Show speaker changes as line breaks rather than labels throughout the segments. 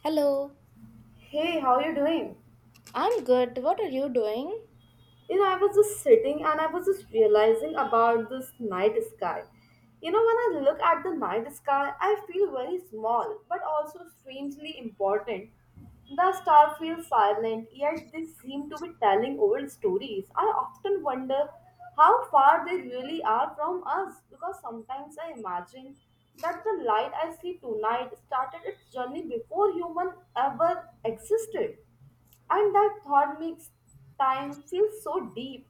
Hello,
Hey, how you doing?
I'm good. What are you doing?
You know, I was just sitting and I was just realizing about this night sky. You know, when I look at the night sky, I feel very small, but also strangely important. The stars feel silent, yet they seem to be telling old stories. I often wonder how far they really are from us because sometimes I imagine that the light I see tonight started its journey before human ever existed and that thought makes time feel so deep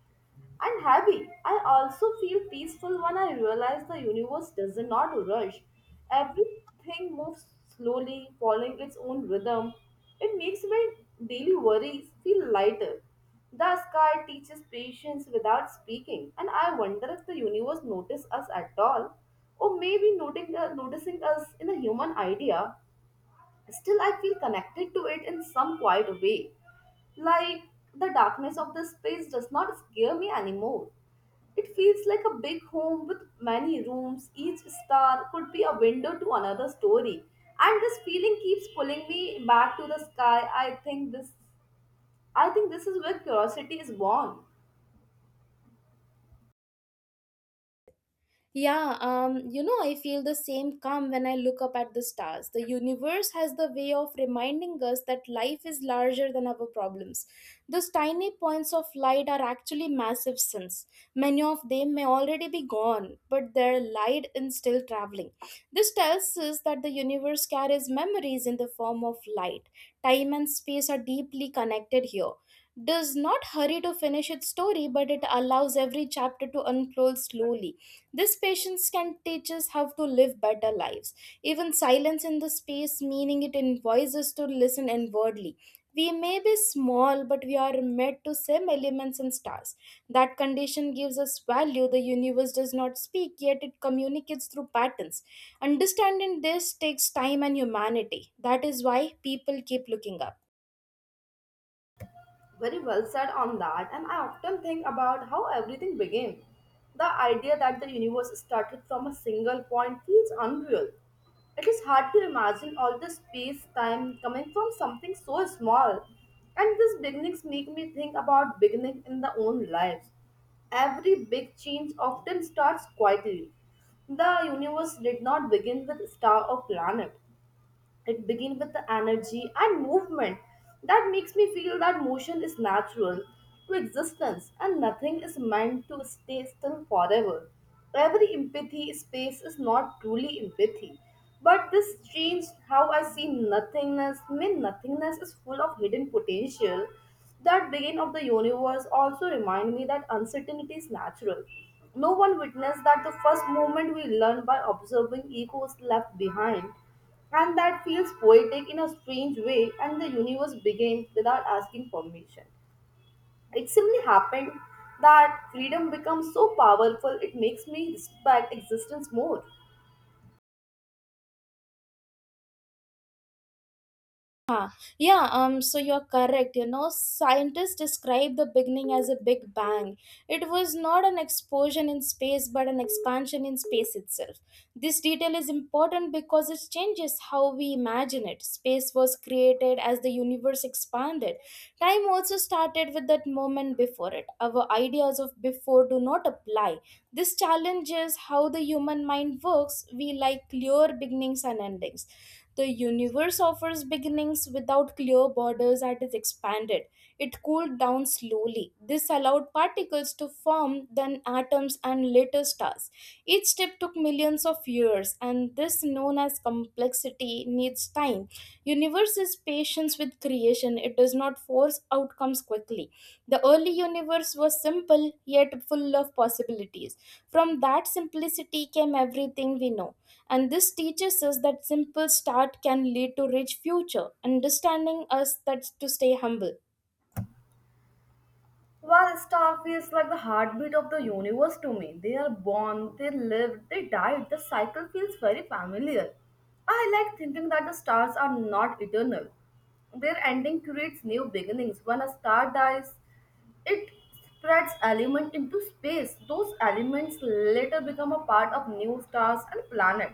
and heavy. I also feel peaceful when I realize the universe does not rush. Everything moves slowly, following its own rhythm. It makes my daily worries feel lighter. The sky teaches patience without speaking, and I wonder if the universe notices us at all, or maybe noticing us in a human idea. Still, I feel connected to it in some quiet way. Like, the darkness of the space does not scare me anymore. It feels like a big home with many rooms. Each star could be a window to another story. And this feeling keeps pulling me back to the sky. I think this is where curiosity is born.
Yeah, you know, I feel the same calm when I look up at the stars. The universe has the way of reminding us that life is larger than our problems. Those tiny points of light are actually massive suns. Many of them may already be gone, but their light is still traveling. This tells us that the universe carries memories in the form of light. Time and space are deeply connected here. Does not hurry to finish its story, but it allows every chapter to unfold slowly. This patience can teach us how to live better lives. Even silence in the space, meaning it invites us to listen inwardly. We may be small, but we are made to same elements and stars. That condition gives us value. The universe does not speak, yet it communicates through patterns. Understanding this takes time and humanity. That is why people keep looking up.
Very well said on that, and I often think about how everything began. The idea that the universe started from a single point feels unreal. It is hard to imagine all the space time coming from something so small. And these beginnings make me think about beginning in the own lives. Every big change often starts quietly. The universe did not begin with star or planet. It begins with the energy and movement that makes me feel that motion is natural to existence and nothing is meant to stay still forever. Every empathy space is not truly empathy. But this changed how I see nothingness. I mean, nothingness is full of hidden potential. That beginning of the universe also remind me that uncertainty is natural. No one witnessed that the first moment we learn by observing egos left behind. And that feels poetic in a strange way, and the universe began without asking permission. It simply happened that freedom becomes so powerful it makes me respect existence more.
Huh. Yeah, so you're correct. You know, scientists describe the beginning as a big bang. It was not an explosion in space, but an expansion in space itself. This detail is important because it changes how we imagine it. Space was created as the universe expanded. Time also started with that moment before it. Our ideas of before do not apply. This challenges how the human mind works. We like clear beginnings and endings. The universe offers beginnings without clear borders as it expanded. It cooled down slowly. This allowed particles to form, then atoms and later stars. Each step took millions of years, and this known as complexity needs time. Universe is patience with creation, it does not force outcomes quickly. The early universe was simple yet full of possibilities. From that simplicity came everything we know. And this teaches us that simple start can lead to rich future, understanding us that to stay humble.
Well, star feels like the heartbeat of the universe to me. They are born, they live, they die. The cycle feels very familiar. I like thinking that the stars are not eternal. Their ending creates new beginnings. When a star dies, it spreads element into space. Those elements later become a part of new stars and planet.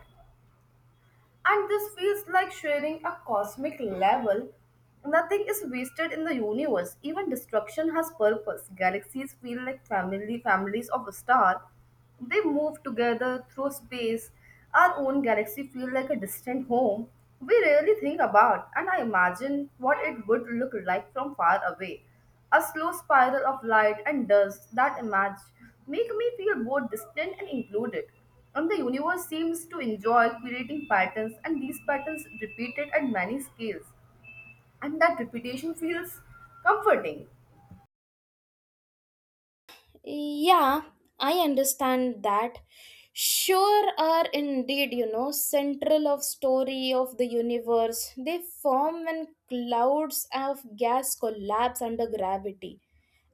And this feels like sharing a cosmic level. Nothing is wasted in the universe. Even destruction has purpose. Galaxies feel like family families of a star. They move together through space. Our own galaxy feels like a distant home. We rarely think about and I imagine what it would look like from far away. A slow spiral of light and dust that image make me feel both distant and included. And the universe seems to enjoy creating patterns, and these patterns repeated at many scales. And that repetition feels comforting.
Yeah, I understand that. Sure are indeed, you know, central of story of the universe. They form when clouds of gas collapse under gravity.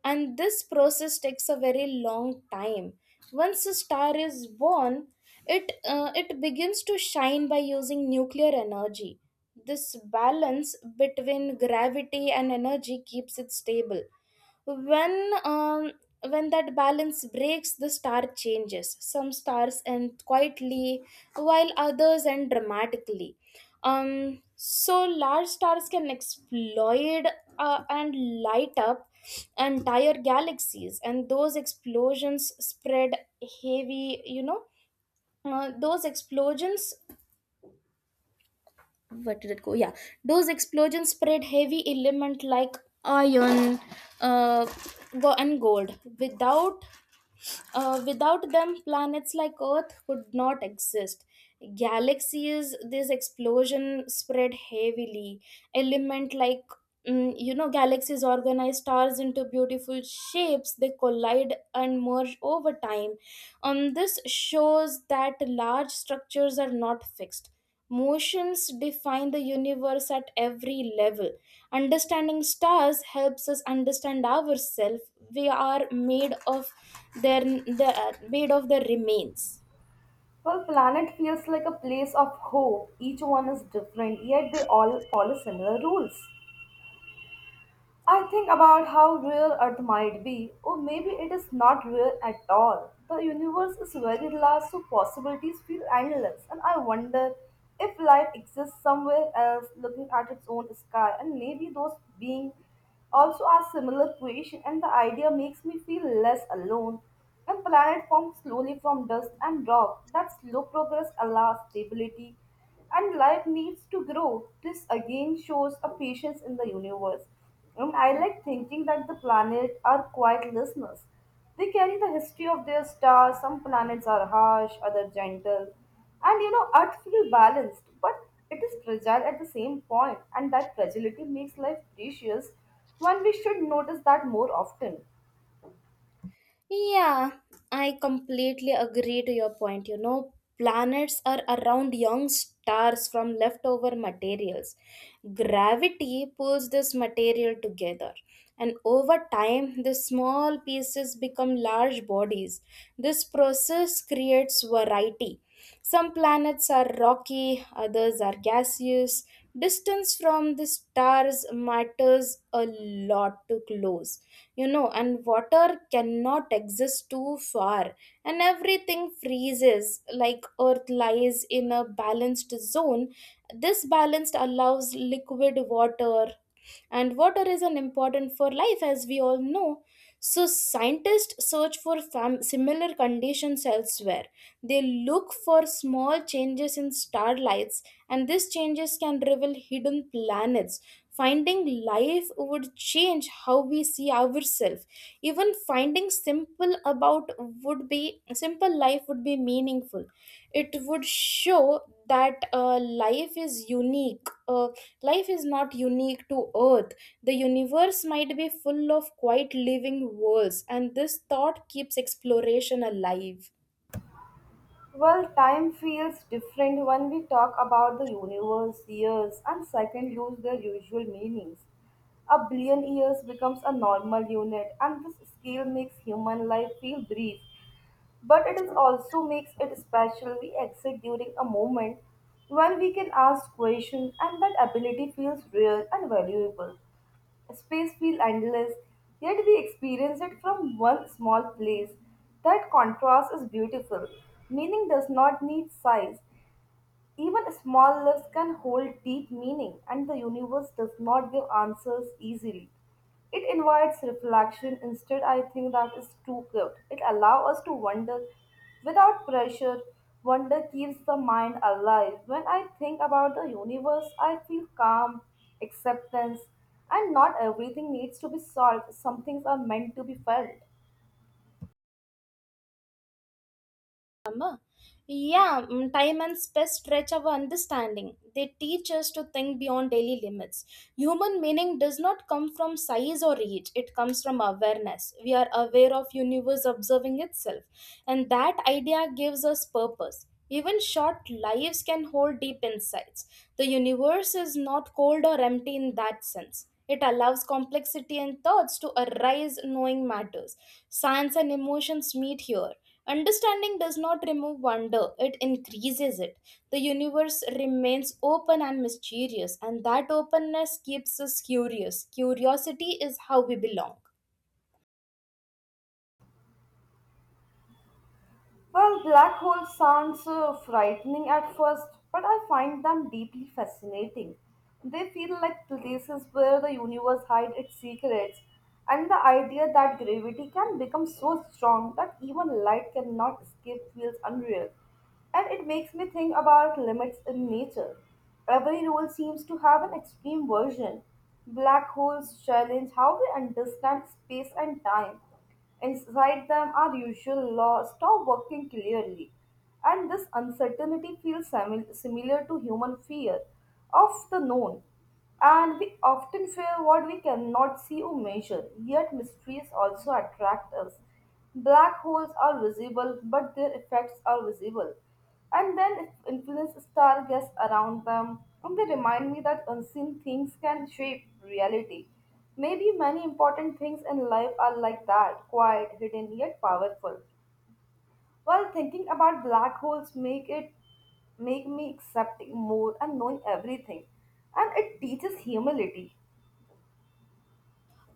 And this process takes a very long time. Once a star is born, it begins to shine by using nuclear energy. This balance between gravity and energy keeps it stable when um, when that balance breaks the star changes. Some stars end quietly while others end dramatically. So large stars can explode and light up entire galaxies, and those explosions spread heavy, those explosions, where did it go? Yeah, those explosions spread heavy element like iron, uh, and gold. Without them, planets like Earth could not exist. Galaxies, this explosion spread heavily. Element like you know, galaxies organize stars into beautiful shapes. They collide and merge over time. This shows that large structures are not fixed. Motions define the universe at every level. Understanding stars helps us understand ourselves. We are made of their remains.
Well, planet feels like a place of hope. Each one is different, yet they all follow similar rules. I think about how real Earth might be, or maybe it is not real at all. The universe is very large, so possibilities feel endless, and I wonder if life exists somewhere else looking at its own sky, and maybe those beings also are similar creation, and the idea makes me feel less alone. And planet forms slowly from dust and rock. That slow progress allows stability and life needs to grow. This again shows a patience in the universe. And I like thinking that the planets are quiet listeners. They carry the history of their stars. Some planets are harsh, other gentle. And you know, Earth feels balanced, but it is fragile at the same point, and that fragility makes life precious when we should notice that more often.
Yeah, I completely agree to your point. You know, planets are around young stars from leftover materials. Gravity pulls this material together, and over time, the small pieces become large bodies. This process creates variety. Some planets are rocky, others are gaseous. Distance from the stars matters a lot to close, you know, and water cannot exist too far, and everything freezes like Earth lies in a balanced zone. This balanced allows liquid water, and water is an important for life, as we all know. So scientists search for similar conditions elsewhere. They look for small changes in starlights, and these changes can reveal hidden planets. Finding life would change how we see ourselves. Even finding simple about would be simple life would be meaningful. It would show that life is unique. Life is not unique to Earth. The universe might be full of quiet living worlds, and this thought keeps exploration alive.
Well, time feels different when we talk about the universe, years, and seconds lose their usual meanings. A billion years becomes a normal unit, and this scale makes human life feel brief. But it is also makes it special. We exit during a moment when we can ask questions, and that ability feels rare and valuable. Space feels endless, yet we experience it from one small place. That contrast is beautiful. Meaning does not need size. Even small lives can hold deep meaning, and the universe does not give answers easily. It invites reflection. Instead, I think that is too gift. It allows us to wonder without pressure. Wonder keeps the mind alive. When I think about the universe, I feel calm, acceptance, and not everything needs to be solved. Some things are meant to be felt.
అమ్మా! Yeah. Mm, time and space stretch our understanding. They teach us to think beyond daily limits. Human meaning does not come from size or reach. It comes from awareness. We are aware of universe observing itself. And that idea gives us purpose. Even short lives can hold deep insights. The universe is not cold or empty in that sense. It allows complexity and thoughts to arise knowing matters. Science and emotions meet here. Understanding does not remove wonder, it increases it. The universe remains open and mysterious, and that openness keeps us curious. Curiosity is how we belong.
Well, black holes sounds frightening at first, but I find them deeply fascinating. They feel like places where the universe hides its secrets, and the idea that gravity can become so strong that even light cannot escape feels unreal. And it makes me think about limits in nature. Every rule seems to have an extreme version. Black holes challenge how we understand space and time. Inside them are usual law, stop working clearly. And this uncertainty feels similar to human fear of the known. And we often fear what we cannot see or measure, yet mysteries also attract us. Black holes are visible, but their effects are visible. And then influence star guests around them, and they remind me that unseen things can shape reality. Maybe many important things in life are like that, quiet, hidden, yet powerful. While thinking about black holes make me accepting more and knowing everything. And it teaches humility.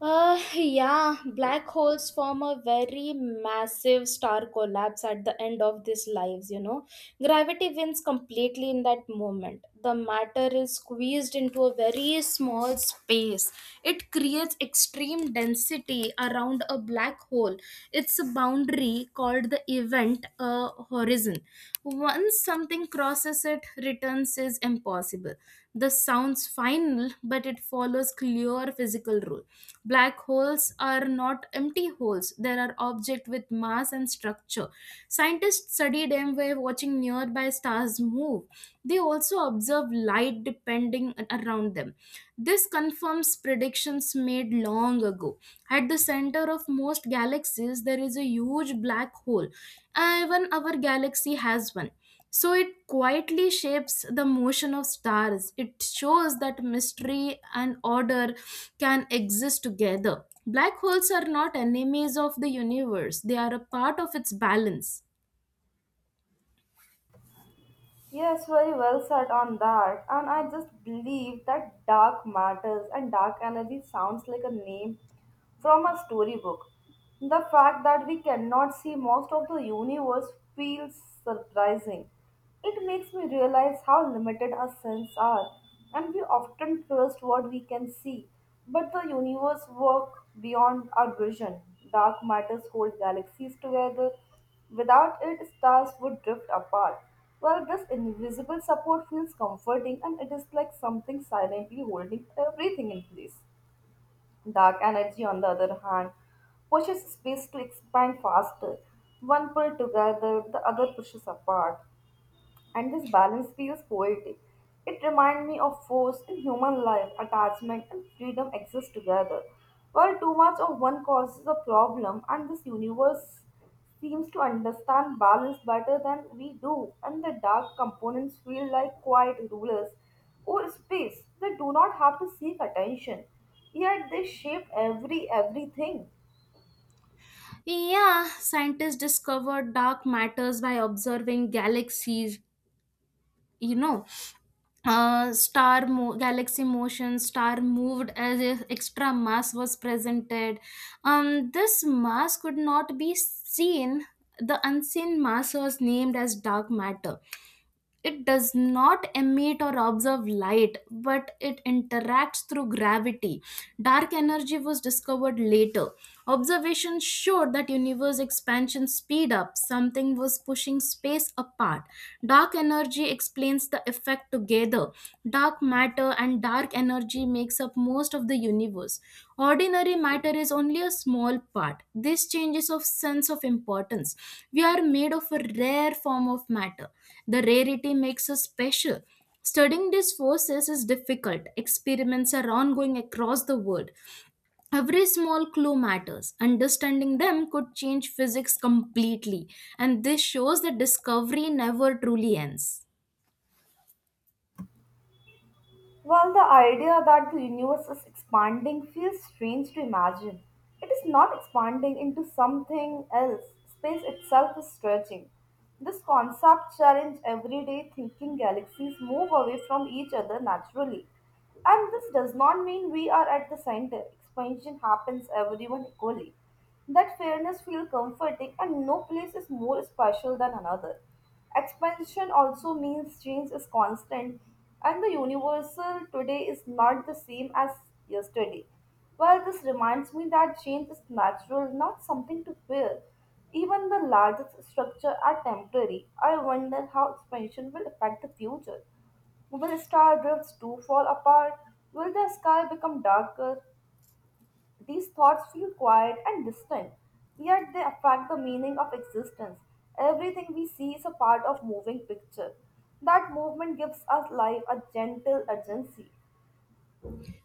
Yeah, black holes form a very massive star collapse at the end of these lives, you know. Gravity wins completely in that moment. The matter is squeezed into a very small space. It creates extreme density around a black hole. It's a boundary called the event horizon. Once something crosses it, returns is impossible. This sounds final, but it follows clear physical rule. Black holes are not empty holes, there are objects with mass and structure. Scientists study them by watching nearby stars move. They also observe light depending around them. This confirms predictions made long ago. At the center of most galaxies, there is a huge black hole. Even our galaxy has one. So it quietly shapes the motion of stars. It shows that mystery and order can exist together. Black holes are not enemies of the universe, they are a part of its balance.
Yes, very well said on that. And I just believe that dark matters and dark energy sounds like a name from a storybook. The fact that we cannot see most of the universe feels surprising. It makes me realize how limited our senses are, and we often trust what we can see. But the universe works beyond our vision. Dark matters hold galaxies together. Without it, stars would drift apart. Well, this invisible support feels comforting and it is like something silently holding everything in place. Dark energy, on the other hand, pushes space to expand faster. One pull together, the other pushes apart and this balance feels poetic. It reminds me of force in human life, attachment and freedom exist together. While too much of one causes a problem, and this universe seems to understand balance better than we do, and the dark components feel like quiet rulers or space that do not have to seek attention, yet they shape everything.
Yeah, scientists discovered dark matters by observing galaxies, you know. Galaxy motion star moved as if extra mass was presented. This mass could not be seen. The unseen mass was named as dark matter. It does not emit or observe light, but it interacts through gravity. Dark energy was discovered later. Observations showed that universe expansion speed up. Something was pushing space apart. Dark energy explains the effect together. Dark matter and dark energy makes up most of the universe. Ordinary matter is only a small part. This changes of sense of importance. We are made of a rare form of matter. The rarity makes us special. Studying these forces is difficult. Experiments are ongoing across the world. Every small clue matters. Understanding them could change physics completely. And this shows that discovery never truly ends.
While the idea that the universe is expanding feels strange to imagine, it is not expanding into something else. Space itself is stretching. This concept challenges everyday thinking galaxies move away from each other naturally. And this does not mean we are at the center. Expansion happens everyone equally. That fairness feels comforting and no place is more special than another. Expansion also means change is constant and the universal today is not the same as yesterday. Well, this reminds me that change is natural, not something to fear. Even the largest structure are temporary. I wonder how expansion will affect the future. Will star drifts too fall apart? Will the sky become darker? These thoughts feel quiet and distant, yet they affect the meaning of existence. Everything we see is a part of moving picture. That movement gives us life a gentle urgency.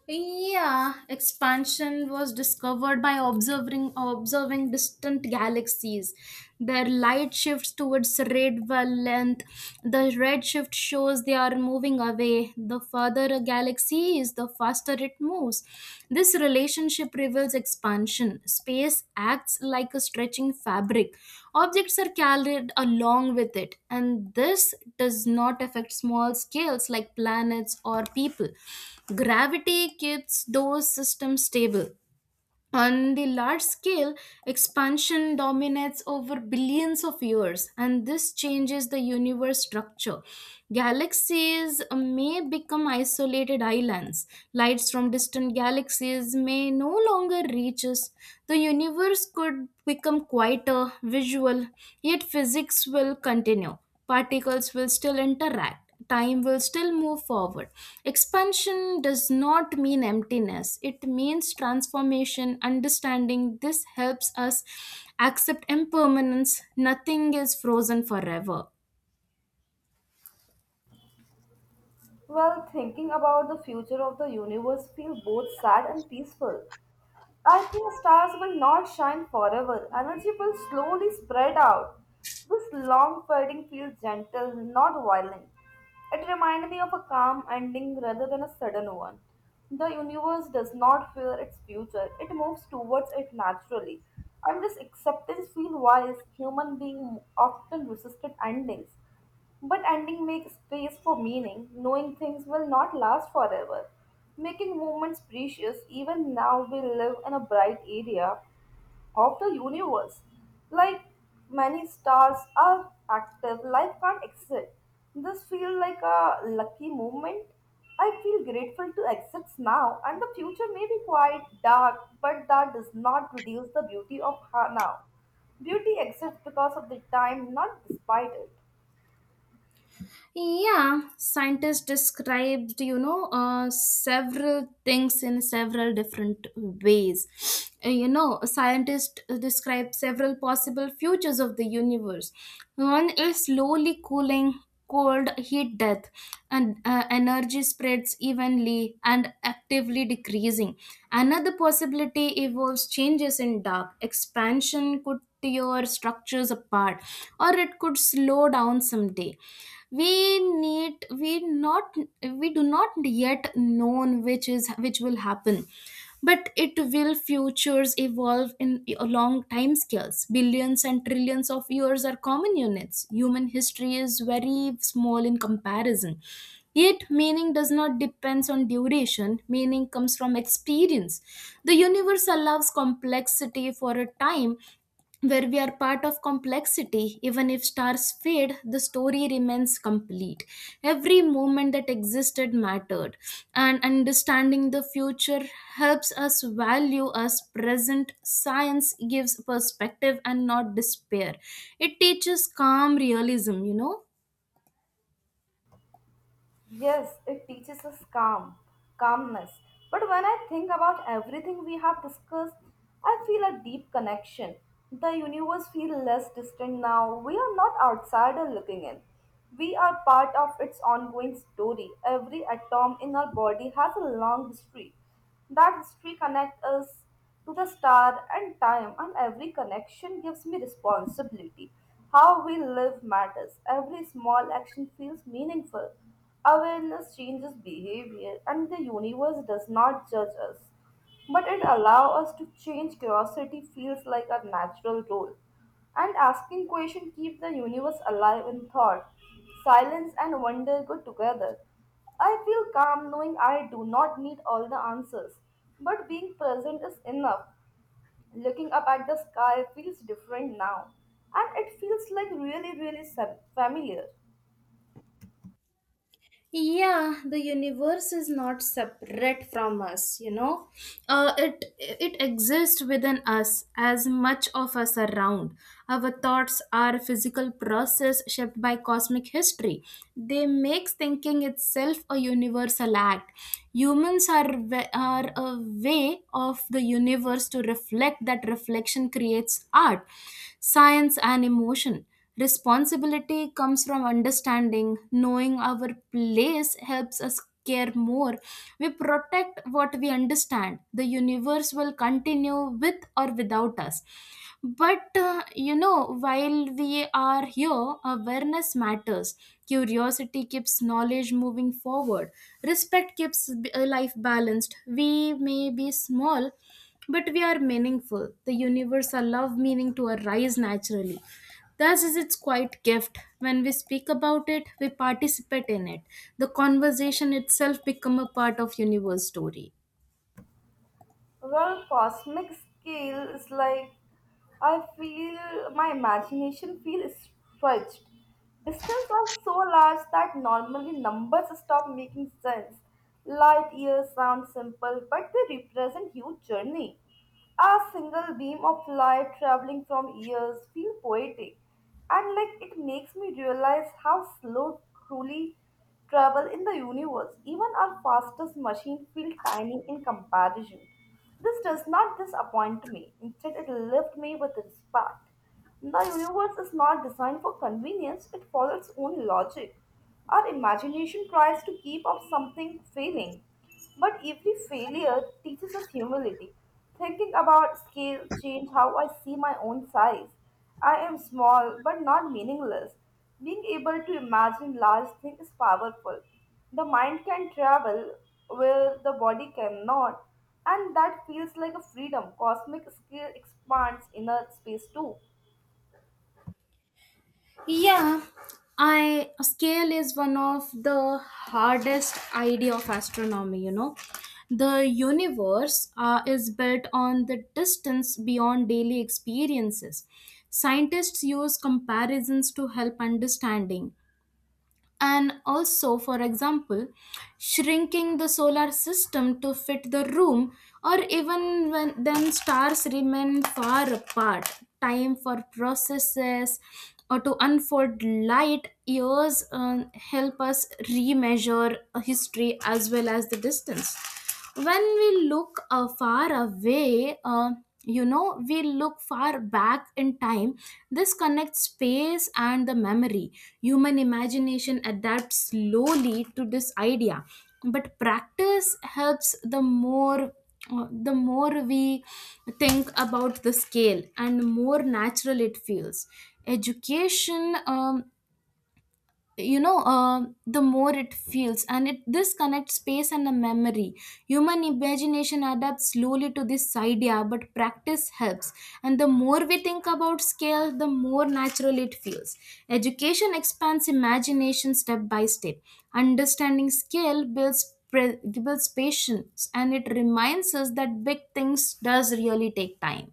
Yeah, expansion was discovered by observing distant galaxies. Their light shifts towards red wavelength. The red shift shows they are moving away. The further a galaxy is, the faster it moves. This relationship reveals expansion. Space acts like a stretching fabric. Objects are carried along with it, and this does not affect small scales like planets or people. Gravity keeps those systems stable. On the large scale, expansion dominates over billions of years, and this changes the universe structure. Galaxies may become isolated islands. Lights from distant galaxies may no longer reach us. The universe could become quieter, visual, yet physics will continue. Particles will still interact, time will still move forward. Expansion does not mean emptiness, it means transformation. Understanding this helps us accept impermanence, nothing is frozen forever.
Well, thinking about the future of the universe feels both sad and peaceful. I think stars will not shine forever. Energy will slowly spread out. This long fading feels gentle, not violent. It reminds me of a calm ending rather than a sudden one. The universe does not fear its future, it moves towards it naturally. And this acceptance feels wise. Human beings often resisted endings. But ending makes space for meaning, knowing things will not last forever, making moments precious. Even now, we live in a bright area of the universe. Like many stars are active, life can't exist. This feels like a lucky moment. I feel grateful to exist now, and the future may be quite dark, but that does not reduce the beauty of now. Beauty exists because of the time, not despite it.
Yeah, scientists described, you know, several things in several different ways. You know, scientists describe several possible futures of the universe. One is slowly cooling, cold, heat death, and energy spreads evenly and actively decreasing. Another possibility involves changes in dark. Expansion could your structures apart, or it could slow down someday. We need we not we do not yet known which is which will happen, but it will futures evolve in a long time scales. Billions and trillions of years are common units. Human history is very small in comparison, yet meaning does not depends on duration. Meaning comes from experience. The universe allows complexity for a time, where we are part of complexity. Even if stars fade, the story remains complete. Every moment that existed mattered, and understanding the future helps us value us present. Science gives perspective and not despair. It teaches calm realism, you know.
Yes, it teaches us calmness. But when I think about everything we have discussed, I feel a deep connection. The universe feels less distant now. We are not outsider looking in. We are part of its ongoing story. Every atom in our body has a long history. That history connects us to the star and time, and every connection gives me responsibility. How we live matters. Every small action feels meaningful. Awareness changes behavior, and the universe does not judge us, but it allows us to change. Curiosity feels like a natural role, and asking questions keep the universe alive in thought. Silence and wonder go together. I feel calm knowing I do not need all the answers, but being present is enough. Looking up at the sky feels different now, and it feels like really, really familiar.
Yeah, the universe is not separate from us, you know. It exists within us as much of us around. Our thoughts are a physical process shaped by cosmic history. They makes thinking itself a universal act. Humans are a way of the universe to reflect. That reflection creates art, science and emotion. Responsibility comes from understanding. Knowing our place helps us care more. We protect what we understand. The universe will continue with or without us. But you know, while we are here, awareness matters. Curiosity keeps knowledge moving forward. Respect keeps life balanced. We may be small, but we are meaningful. The universe allows meaning to arise naturally. Thus is its quiet gift. When we speak about it, we participate in it. The conversation itself become a part of universe story.
Well, cosmic scale is like I feel my imagination feels stretched. Distances are so large that normally numbers stop making sense. Light years sound simple, but they represent huge journey. A single beam of light traveling from years feel poetic, and like it makes me realize how slow truly travel in the universe. Even our fastest machine feel tiny in comparison. This does not disappoint me. Instead, it left me with respect. The universe is not designed for convenience, it follows its own logic. Our imagination tries to keep up something failing. But every failure teaches us humility. Thinking about scale change how I see my own size. I am small but not meaningless. Being able to imagine large things is powerful. The mind can travel where the body cannot. And that feels like a freedom. Cosmic scale expands inner space too.
Yeah, I scale is one of the hardest idea of astronomy, you know. The universe is built on the distance beyond daily experiences. Scientists use comparisons to help understanding, and also, for example, shrinking the solar system to fit the room, or even when then stars remain far apart time for processes or to unfold light years, help us remeasure history as well as the distance. When we look far away, you know, we look far back in time. This connects space and the memory. Human imagination adapts slowly to this idea, but practice helps. The more we think about the scale, and more natural it feels. Education, um, the more it feels, and it this connects space and the memory. Human imagination adapts slowly to this idea, but practice helps, and the more we think about scale, the more natural it feels. Education expands imagination step by step. Understanding scale builds patience, and it reminds us that big things does really take time.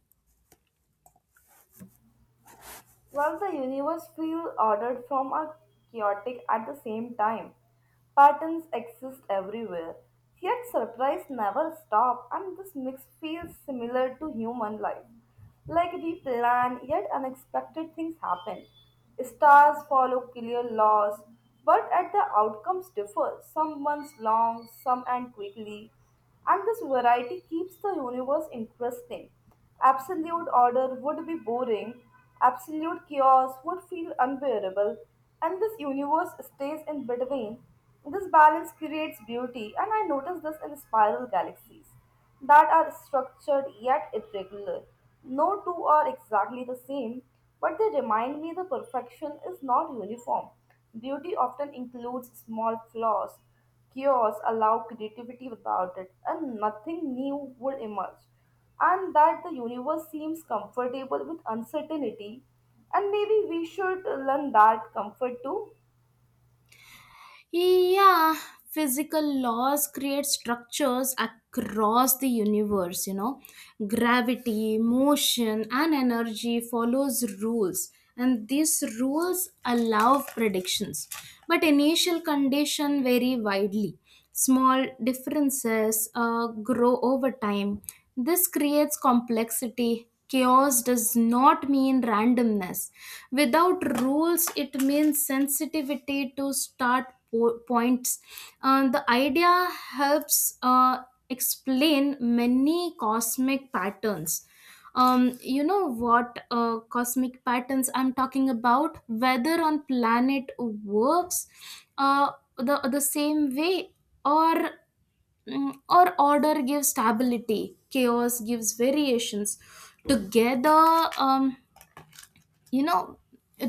While the universe feels ordered from a chaotic at the same time. Patterns exist everywhere. Yet surprise never stop and this mix feels similar to human life. Like we plan, yet unexpected things happen. Stars follow clear laws, but at the outcomes differ. Some months long, some end quickly. And this variety keeps the universe interesting. Absolute order would be boring, absolute chaos would feel unbearable, and this universe stays in between. This balance creates beauty, and I notice this in spiral galaxies that are structured yet irregular. No two are exactly the same, but they remind me the perfection is not uniform. Beauty often includes small flaws, chaos allow creativity without it, and nothing new would emerge. And that the universe seems comfortable with uncertainty, and maybe we should learn that comfort too.
Yeah, physical laws create structures across the universe, you know. Gravity, motion and energy follows rules, and these rules allow predictions, but initial condition vary widely. Small differences grow over time. This creates complexity. Chaos does not mean randomness. Without rules, it means sensitivity to start points. The idea helps explain many cosmic patterns. You know what cosmic patterns I'm talking about, whether on planet works uh the same way, or or order gives stability, chaos gives variations. Together, um you know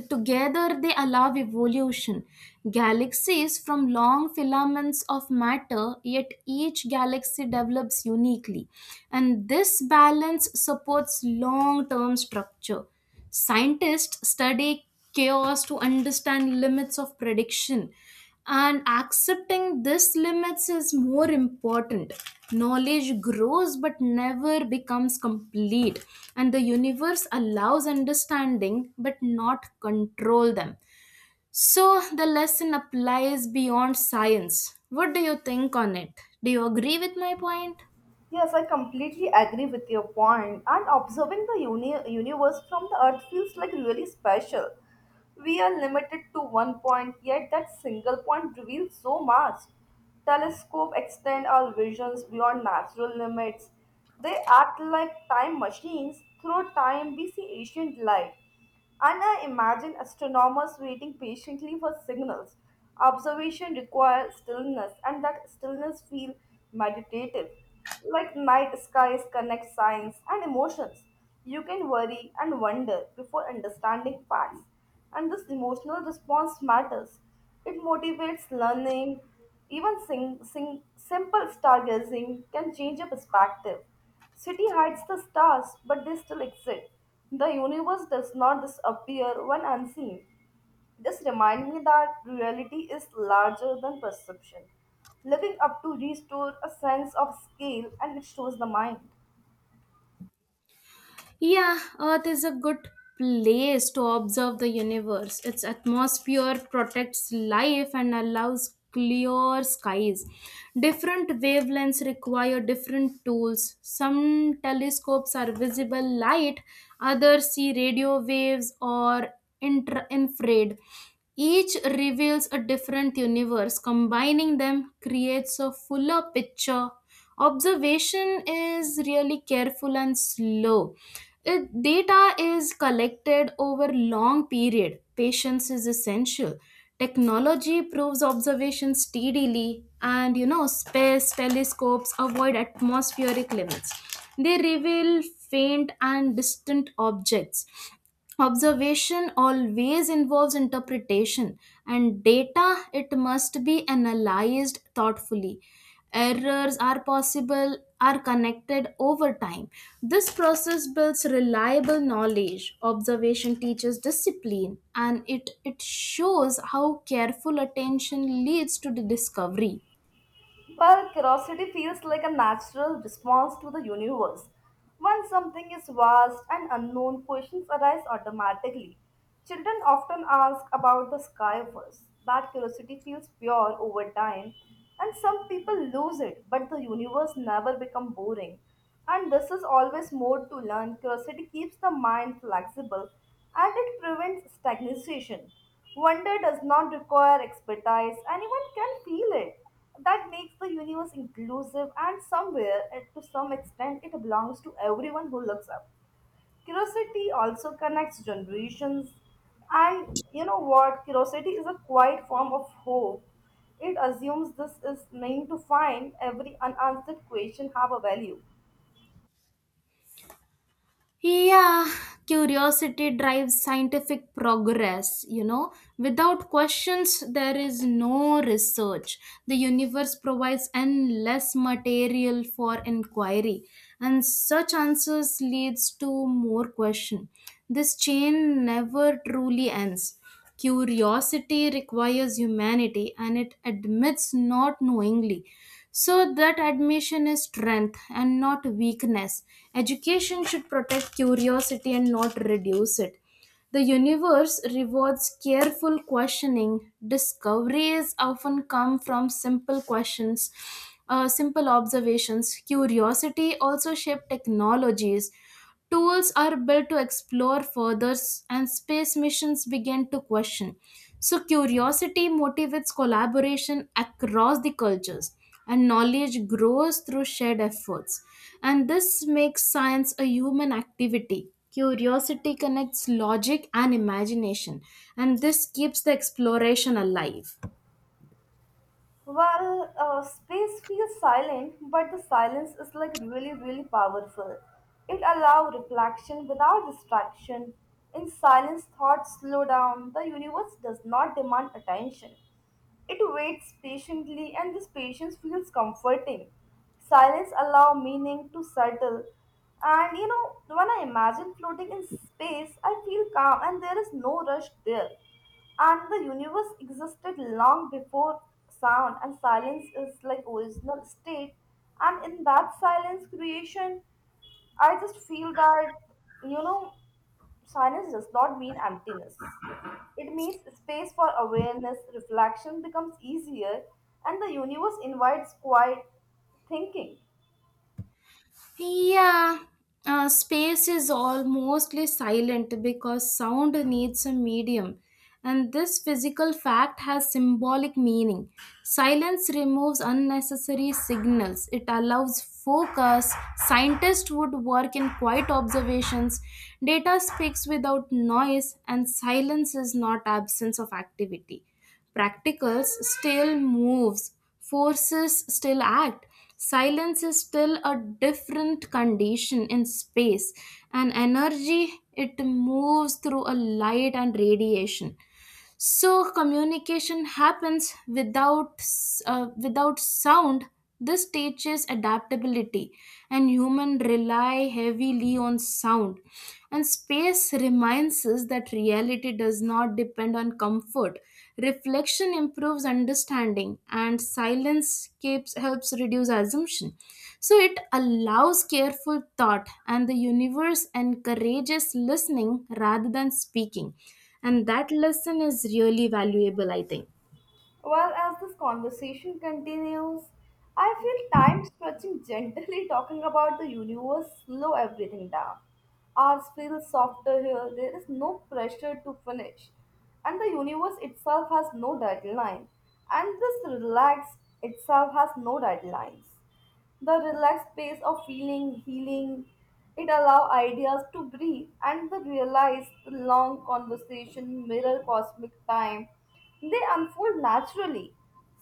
together they allow evolution. Galaxies from long filaments of matter, yet each galaxy develops uniquely, and this balance supports long term structure. Scientists study chaos to understand limits of prediction, and accepting these limits is more important. Knowledge grows but never becomes complete, and the universe allows understanding but not control them. So the lesson applies beyond science. What do you think on it? Do you agree with my point?
Yes, I completely agree with your point. And observing the universe from the Earth feels like really special. We are limited to one point, yet that single point reveals so much. Telescopes extend our visions beyond natural limits. They act like time machines. Through time, we see ancient light. And I imagine astronomers waiting patiently for signals. Observation requires stillness, and that stillness feels meditative. Like night skies connect science and emotions. You can worry and wonder before understanding facts, and this emotional response matters. It motivates learning. Even simple stargazing can change your perspective. City hides the stars, but they still exist. The universe does not disappear when unseen. This reminds me that reality is larger than perception. Looking up to restore a sense of scale and it shows the mind.
Yeah, Earth is a good place to observe the universe. Its atmosphere protects life and allows clear skies. Different wavelengths require different tools. Some telescopes are visible light, others see radio waves or infrared. Each reveals a different universe. Combining them creates a fuller picture. Observation is really careful and slow. It, data is collected over long period. Patience is essential. Technology proves observation steadily, and you know, space telescopes avoid atmospheric limits. They reveal faint and distant objects. Observation always involves interpretation, and data it must be analyzed thoughtfully. Errors are possible are connected over time. This process builds reliable knowledge. Observation teaches discipline, and it shows how careful attention leads to the discovery.
Well, curiosity feels like a natural response to the universe. When something is vast and unknown, questions arise automatically. Children often ask about the sky first. That curiosity feels pure over time, and some people lose it, but the universe never becomes boring. And this is always more to learn. Curiosity keeps the mind flexible and it prevents stagnation. Wonder does not require expertise, anyone can feel it. That makes the universe inclusive, and somewhere, to some extent, it belongs to everyone who looks up. Curiosity also connects generations, and you know what? Curiosity is a quiet form of hope. It assumes this is meant to find every unanswered question have a value.
Yeah, curiosity drives scientific progress. You know, without questions, there is no research. The universe provides endless material for inquiry, and such answers leads to more question. This chain never truly ends. Curiosity requires humanity, and it admits not knowingly. So, that admission is strength and not weakness. Education should protect curiosity and not reduce it. The universe rewards careful questioning. Discoveries often come from simple questions, simple observations. Curiosity also shapes technologies. Tools are built to explore further, and space missions begin to question. So, curiosity motivates collaboration across the cultures, and knowledge grows through shared efforts. And this makes science a human activity. Curiosity connects logic and imagination, and this keeps the exploration alive.
Well, space feels silent, but the silence is like really, really powerful. It allows reflection without distraction. In silence, thoughts slow down. The universe does not demand attention. It waits patiently, and this patience feels comforting. Silence allow meaning to settle. And you know, when I imagine floating in space, I feel calm and there is no rush there. And the universe existed long before sound and silence is like original state. And in that silence creation, I just feel that you know, silence does not mean emptiness. It means space for awareness, reflection becomes easier, and the universe invites quiet thinking.
Yeah, space is all mostly silent because sound needs a medium, and this physical fact has symbolic meaning. Silence removes unnecessary signals, it allows focus. Scientists would work in quiet observations, data speaks without noise, and silence is not absence of activity. Practicals still moves, forces still act. Silence is still a different condition in space, and energy it moves through a light and radiation. So communication happens without sound. This teaches adaptability, and human rely heavily on sound. And space reminds us that reality does not depend on comfort. Reflection improves understanding, and silence keeps, helps reduce assumption. So it allows careful thought, and the universe encourages listening rather than speaking. And that lesson is really valuable, I think.
Well, as this conversation continues, I feel time stretching gently talking about the universe slow everything down. Ours feels softer here, there is no pressure to finish. And the universe itself has no deadline. And this relax itself has no deadlines. The relaxed pace of feeling, healing, it allow ideas to breathe and the realize the long conversation mirror cosmic time. They unfold naturally.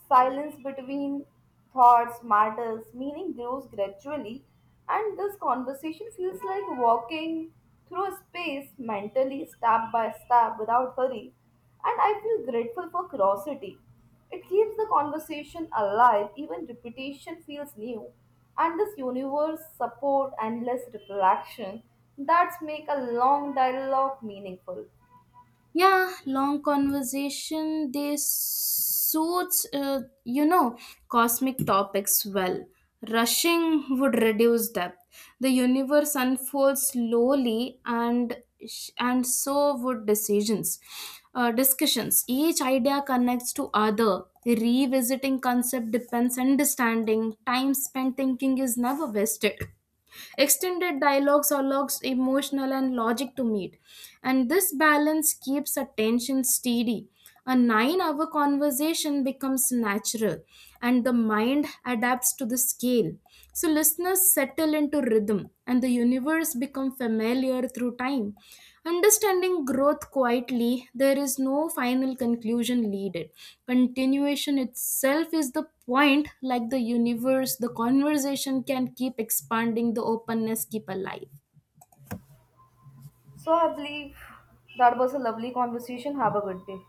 Silence between thoughts matters, meaning grows gradually, and this conversation feels like walking through space mentally, step by step, without hurry. And I feel grateful for curiosity it keeps the conversation alive, even repetition feels new. And this universe support endless reflection that's make a long dialogue meaningful.
Yeah, long conversation they suits, you know, cosmic topics well. Rushing would reduce depth. The universe unfolds slowly, and and so would decisions, discussions. Each idea connects to other, revisiting concept depends understanding. Time spent thinking is never wasted. Extended dialogues allows emotional and logic to meet, and this balance keeps attention steady. A 9 hour conversation becomes natural, and the mind adapts to the scale. So, listeners settle into rhythm, and the universe becomes familiar through time. Understanding growth quietly, there is no final conclusion needed. Continuation itself is the point. Like the universe, the conversation can keep expanding, the openness keep alive.
So I believe that was a lovely conversation. Have a good day.